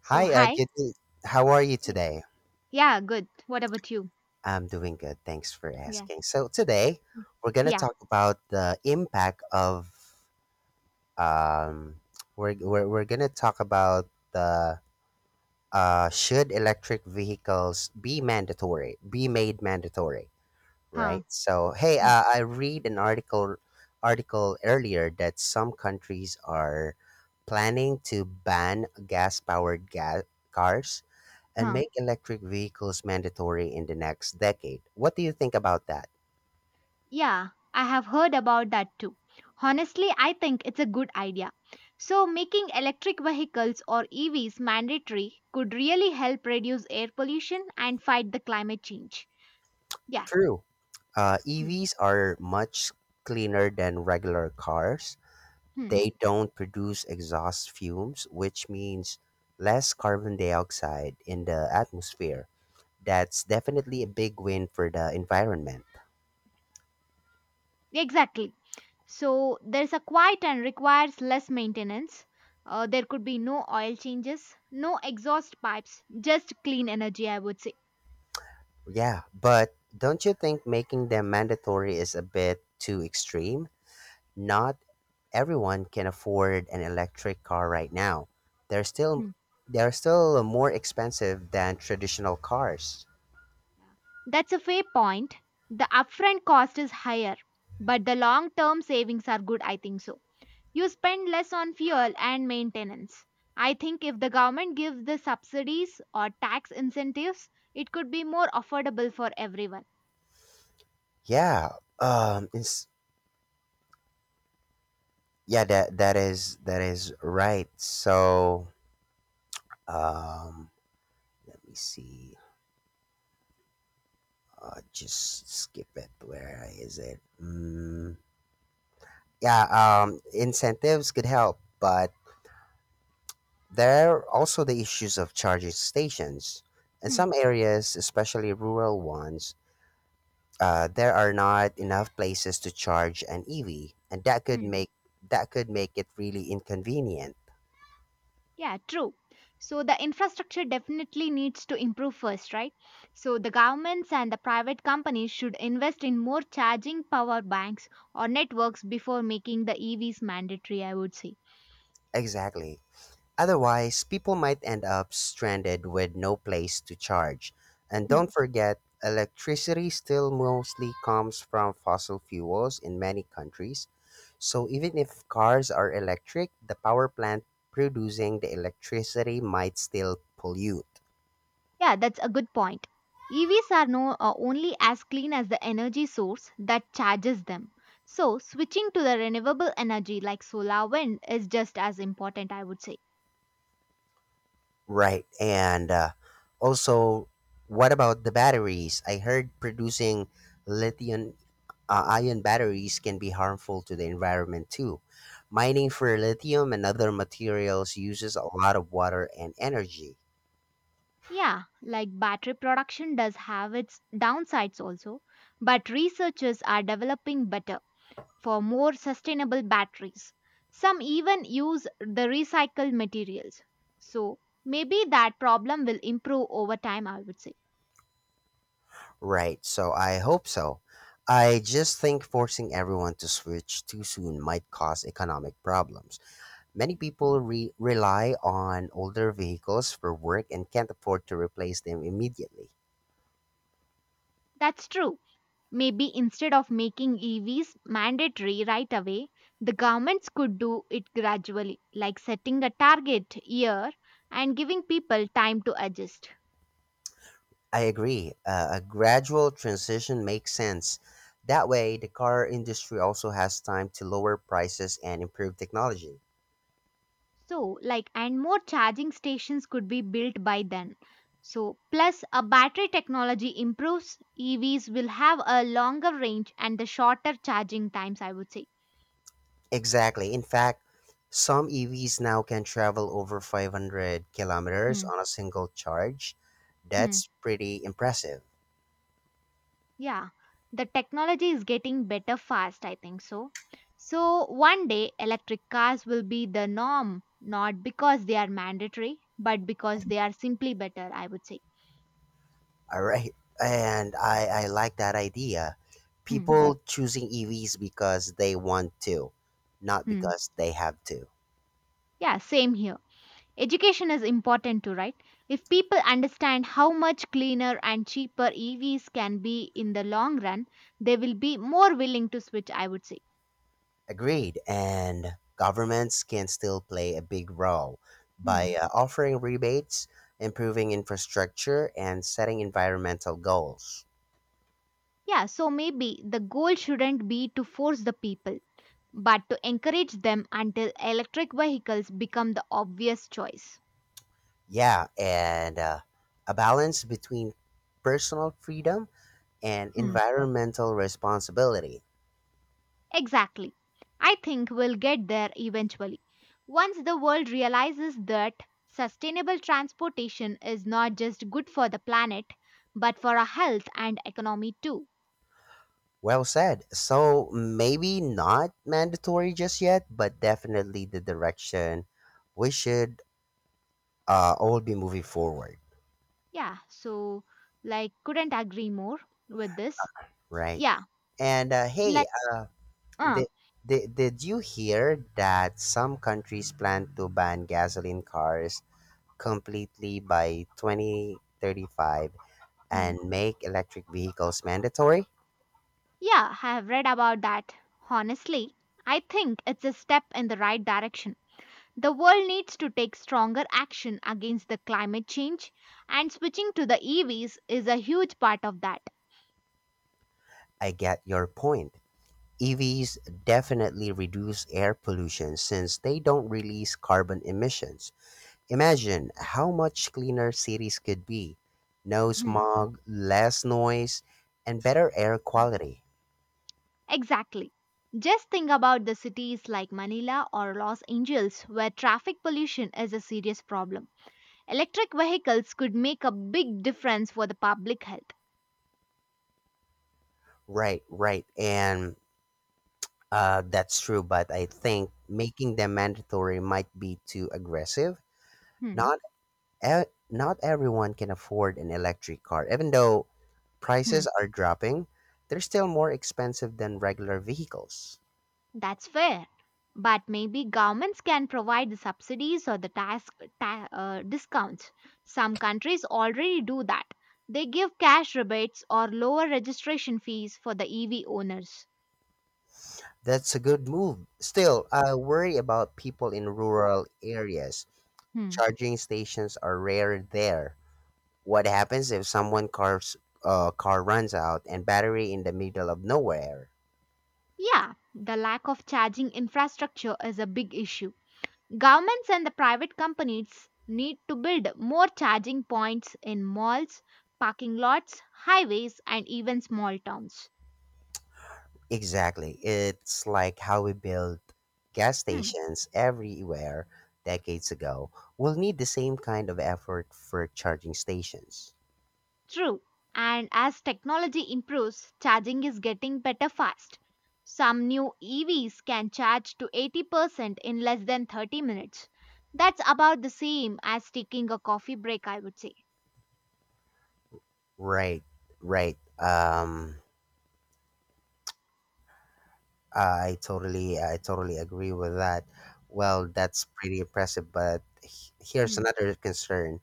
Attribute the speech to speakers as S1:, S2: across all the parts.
S1: So
S2: Hi,
S1: hi.
S2: good. How are you
S1: Yeah,
S2: today?
S1: Yeah, good. What about you?
S2: I'm doing good. Thanks for
S1: Yeah.
S2: asking. So today we're gonna
S1: Yeah.
S2: talk about the impact of um, we're gonna talk about the should electric vehicles be mandatory? Be made mandatory,
S1: Huh.
S2: right? So hey,
S1: Yeah.
S2: I read an article earlier that some countries are planning to ban gas powered gas cars and
S1: Huh.
S2: make electric vehicles mandatory in the next decade. What do you think about that?
S1: Yeah, I have heard about that too. Honestly, I think it's a good idea. So making electric vehicles or EVs mandatory could really help reduce air pollution and fight the climate change. Yeah.
S2: True,
S1: Hmm.
S2: EVs are much cleaner than regular cars.
S1: Hmm.
S2: They don't produce exhaust fumes, which means less carbon dioxide in the atmosphere. That's definitely a big win for the environment.
S1: Exactly. So there's a quiet and requires less maintenance. There could be no oil changes, no exhaust pipes, just clean energy, I would say.
S2: Yeah, but don't you think making them mandatory is a bit too extreme? Not everyone can afford an electric car right now. They're still
S1: Hmm.
S2: they're still more expensive than traditional cars.
S1: That's a fair point. The upfront cost is higher, but the long term savings are good, I think so. You spend less on fuel and maintenance. I think if the government gives the subsidies or tax incentives, it could be more affordable for everyone.
S2: Yeah, um, it's, yeah, that is right. So, um, let me see. Just skip it. Where is it? Yeah, incentives could help, but there are also the issues of charging stations. In
S1: Hmm.
S2: some areas, especially rural ones, there are not enough places to charge an EV, and
S1: Hmm.
S2: that could make it really inconvenient.
S1: Yeah, true. So the infrastructure definitely needs to improve first, right? So the governments and the private companies should invest in more charging power banks or networks before making the EVs mandatory, I would say.
S2: Exactly. Otherwise, people might end up stranded with no place to charge. And
S1: Hmm.
S2: don't forget, electricity still mostly comes from fossil fuels in many countries. So even if cars are electric, the power plant producing the electricity might still pollute.
S1: Yeah, that's a good point. EVs are no only as clean as the energy source that charges them. So, switching to the renewable energy like solar wind is just as important, I would say.
S2: Right. And also, what about the batteries? I heard producing lithium ion batteries can be harmful to the environment too. Mining for lithium and other materials uses a lot of water and energy.
S1: Yeah, like battery production does have its downsides also, but researchers are developing better for more sustainable batteries. Some even use the recycled materials. So, maybe that problem will improve over time, I would say.
S2: Right, so I hope so. I just think forcing everyone to switch too soon might cause economic problems. Many people rely on older vehicles for work and can't afford to replace them immediately.
S1: That's true. Maybe instead of making EVs mandatory right away, the governments could do it gradually, like setting a target year and giving people time to adjust.
S2: I agree. A gradual transition makes sense. That way, the car industry also has time to lower prices and improve technology.
S1: So, like, and more charging stations could be built by then. So, plus a battery technology improves, EVs will have a longer range and the shorter charging times, I would say.
S2: Exactly. In fact, some EVs now can travel over 500 kilometers
S1: Hmm.
S2: on a single charge.
S1: Hmm.
S2: That's pretty impressive.
S1: Yeah, the technology is getting better fast, I think so. So, one day electric cars will be the norm, not because they are mandatory, but because they are simply better, I would say.
S2: All right. And I like that idea.
S1: Hmm.
S2: People choosing EVs because they want to, not
S1: Hmm.
S2: because they have to.
S1: Yeah, same here. Education is important too, right? If people understand how much cleaner and cheaper EVs can be in the long run, they will be more willing to switch, I would say.
S2: Agreed, and governments can still play a big role
S1: Hmm.
S2: by offering rebates, improving infrastructure, and setting environmental goals.
S1: Yeah, so maybe the goal shouldn't be to force the people, but to encourage them until electric vehicles become the obvious choice.
S2: Yeah, and a balance between personal freedom and
S1: Hmm.
S2: environmental responsibility.
S1: Exactly. I think we'll get there eventually. Once the world realizes that sustainable transportation is not just good for the planet, but for our health and economy too.
S2: Well said. So maybe not mandatory just yet, but definitely the direction we should all be moving forward,
S1: Yeah, so like couldn't agree more with this.
S2: right?
S1: Yeah,
S2: And
S1: like uh
S2: Did, did you hear that some countries plan to ban gasoline cars completely by 2035
S1: Hmm.
S2: and make electric vehicles mandatory?
S1: Yeah, I have read about that. Honestly, I think it's a step in the right direction. The world needs to take stronger action against the climate change, and switching to the EVs is a huge part of that.
S2: I get your point. EVs definitely reduce air pollution since they don't release carbon emissions. Imagine how much cleaner cities could be. No
S1: Hmm.
S2: smog, less noise, and better air quality.
S1: Exactly. Just think about the cities like Manila or Los Angeles where traffic pollution is a serious problem. Electric vehicles could make a big difference for the public health.
S2: Right, right. And that's true, but I think making them mandatory might be too aggressive.
S1: Hmm.
S2: Not not everyone can afford an electric car. Even though prices are dropping, they're still more expensive than regular vehicles.
S1: That's fair. But maybe governments can provide the subsidies or the discounts. Some countries already do that. They give cash rebates or lower registration fees for the EV owners.
S2: That's a good move. Still, I worry about people in rural areas.
S1: Hmm.
S2: Charging stations are rare there. What happens if someone car's car runs out and battery in the middle of nowhere?
S1: Yeah, the lack of charging infrastructure is a big issue. Governments and the private companies need to build more charging points in malls, parking lots, highways, and even small towns.
S2: Exactly. It's like how we built gas
S1: Hmm.
S2: stations everywhere decades ago. We'll need the same kind of effort for charging stations.
S1: True. And as technology improves, charging is getting better fast. Some new EVs can charge to 80% in less than 30 minutes. That's about the same as taking a coffee break, I would say.
S2: Right, right. I totally agree with that. Well, that's pretty impressive. But here's
S1: Hmm,
S2: another concern: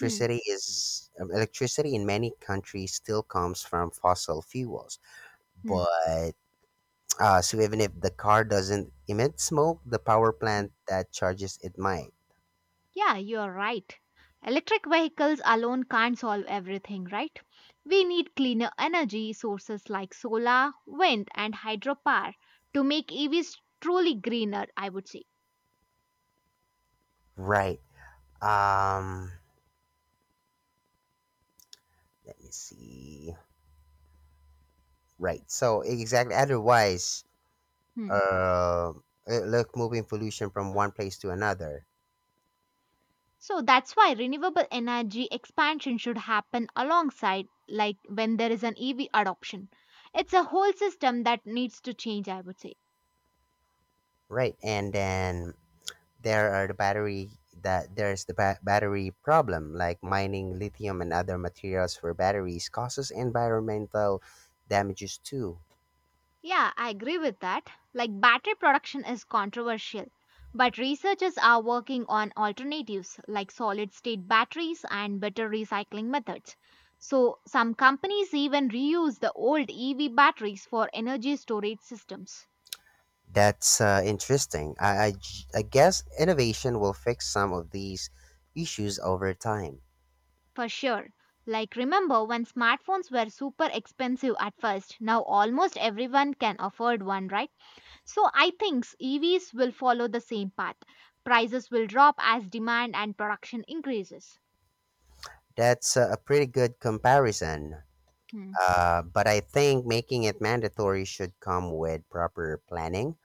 S1: hmm,
S2: is um, electricity in many countries still comes from fossil fuels,
S1: hmm.
S2: but so even if the car doesn't emit smoke, the power
S1: hmm.
S2: plant that charges it might.
S1: Yeah, you're right. Electric vehicles alone can't solve everything, right? We need cleaner energy sources like solar, wind, and hydropower to make EVs truly greener, I would say.
S2: Right. Um, let me see. Right. So exactly. Otherwise,
S1: Hmm.
S2: uh, look, moving pollution from one place to another.
S1: So that's why renewable energy expansion should happen alongside, like when there is an EV adoption. It's a whole system that needs to change, I would say.
S2: Right. And then there are the battery there's the battery problem, like mining lithium and other materials for batteries causes environmental damages too.
S1: Yeah, I agree with that. Like battery production is controversial, but researchers are working on alternatives like solid state batteries and better recycling methods. So some companies even reuse the old EV batteries for energy storage systems.
S2: That's interesting. I guess innovation will fix some of these issues over time.
S1: For sure. Like, remember when smartphones were super expensive at first? Now almost everyone can afford one, right? So I think EVs will follow the same path. Prices will drop as demand and production increases.
S2: That's a pretty good comparison.
S1: Hmm.
S2: But I think making it mandatory should come with proper planning.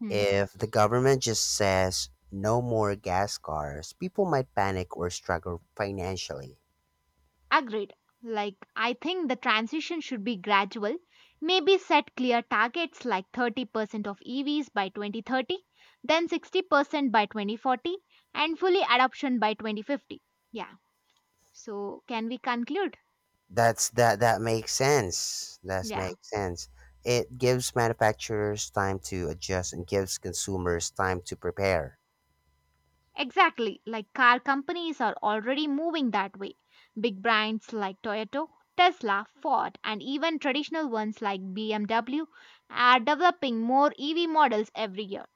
S1: Hmm.
S2: If the government just says no more gas cars, people might panic or struggle financially.
S1: Agreed. Like, I think the transition should be gradual. Maybe set clear targets like 30% of EVs by 2030, then 60% by 2040, and fully adoption by 2050. Yeah. So, can we conclude?
S2: That makes sense. That
S1: Yeah,
S2: makes sense. It gives manufacturers time to adjust and gives consumers time to prepare.
S1: exactly. Like car companies are already moving that way. Big brands like Toyota, Tesla, Ford, and even traditional ones like BMW are developing more EV models every year.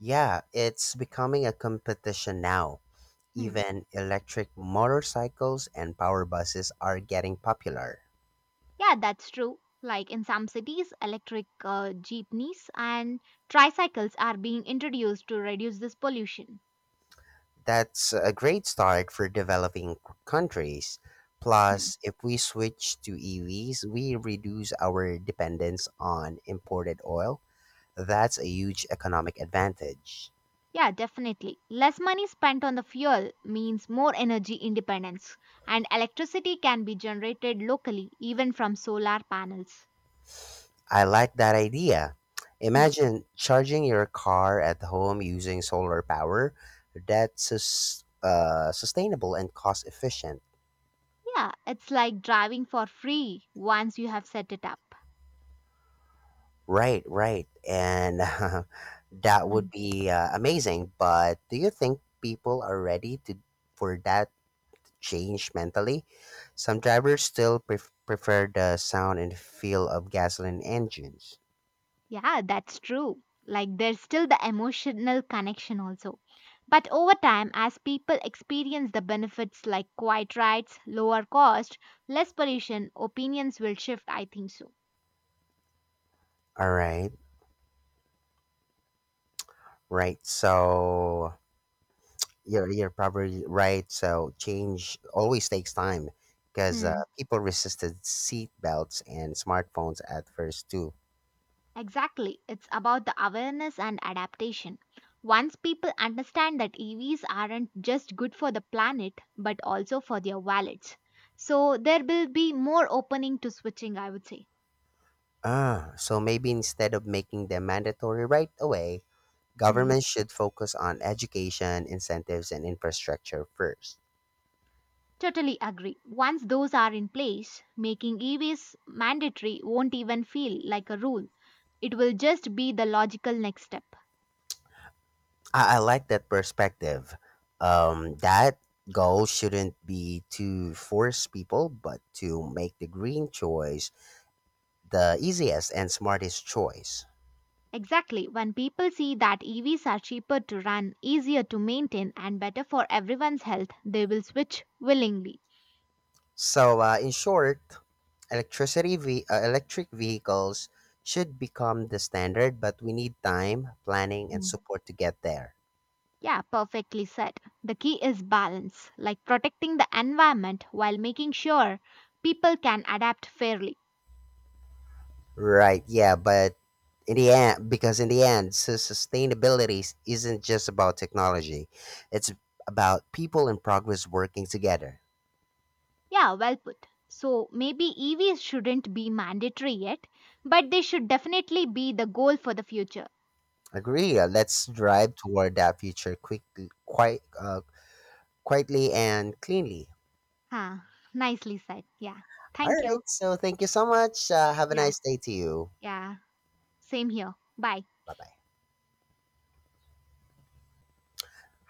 S2: Yeah, it's becoming a competition now.
S1: Hmm.
S2: Even electric motorcycles and power buses are getting popular.
S1: Yeah, that's true. Like in some cities, electric jeepneys and tricycles are being introduced to reduce this pollution.
S2: That's a great start for developing countries.
S1: Hmm.
S2: Plus, if we switch to EVs, we reduce our dependence on imported oil. That's a huge economic advantage.
S1: Yeah, definitely. Less money spent on the fuel means more energy independence, and electricity can be generated locally even from solar panels.
S2: I like that idea.
S1: Hmm.
S2: Imagine charging your car at home using solar power. That's sustainable and cost efficient.
S1: Yeah, it's like driving for free once you have set it up.
S2: Right, right. And that would
S1: Hmm.
S2: be amazing. But do you think people are ready to for that change mentally? Some drivers still prefer the sound and feel of gasoline engines.
S1: Yeah, that's true. Like there's still the emotional connection also. But over time, as people experience the benefits like quiet rides, lower cost, less pollution, opinions will shift, I think so.
S2: All right, right. So you're probably right. So change always takes time because
S1: Hmm.
S2: people resisted seat belts and smartphones at first too.
S1: Exactly. It's about the awareness and adaptation. Once people understand that EVs aren't just good for the planet but also for their wallets. So there will be more opening to switching, I would say.
S2: Ah, so maybe instead of making them mandatory right away,
S1: Hmm.
S2: governments should focus on education, incentives, and infrastructure first.
S1: Totally agree. Once those are in place, making EVs mandatory won't even feel like a rule. It will just be the logical next step.
S2: I like that perspective. That goal shouldn't be to force people, but to make the green choice the easiest and smartest choice.
S1: Exactly. When people see that EVs are cheaper to run, easier to maintain, and better for everyone's health, they will switch willingly.
S2: So, in short, electric vehicles should become the standard, but we need time, planning, and
S1: Hmm.
S2: support to get there.
S1: Yeah, perfectly said. The key is balance, like protecting the environment while making sure people can adapt fairly.
S2: Right? Yeah, but in the end, sustainability isn't just about technology; it's about people and progress working together.
S1: Yeah, well put. So maybe EVs shouldn't be mandatory yet, but they should definitely be the goal for the future.
S2: Agree? Let's drive toward that future quite, uh, quietly and cleanly.
S1: Huh, nicely said. Yeah.
S2: All
S1: Thank
S2: right.
S1: you.
S2: So, thank you so much. Have a
S1: Yeah,
S2: nice day to you.
S1: yeah. Same here. Bye.
S2: Bye bye.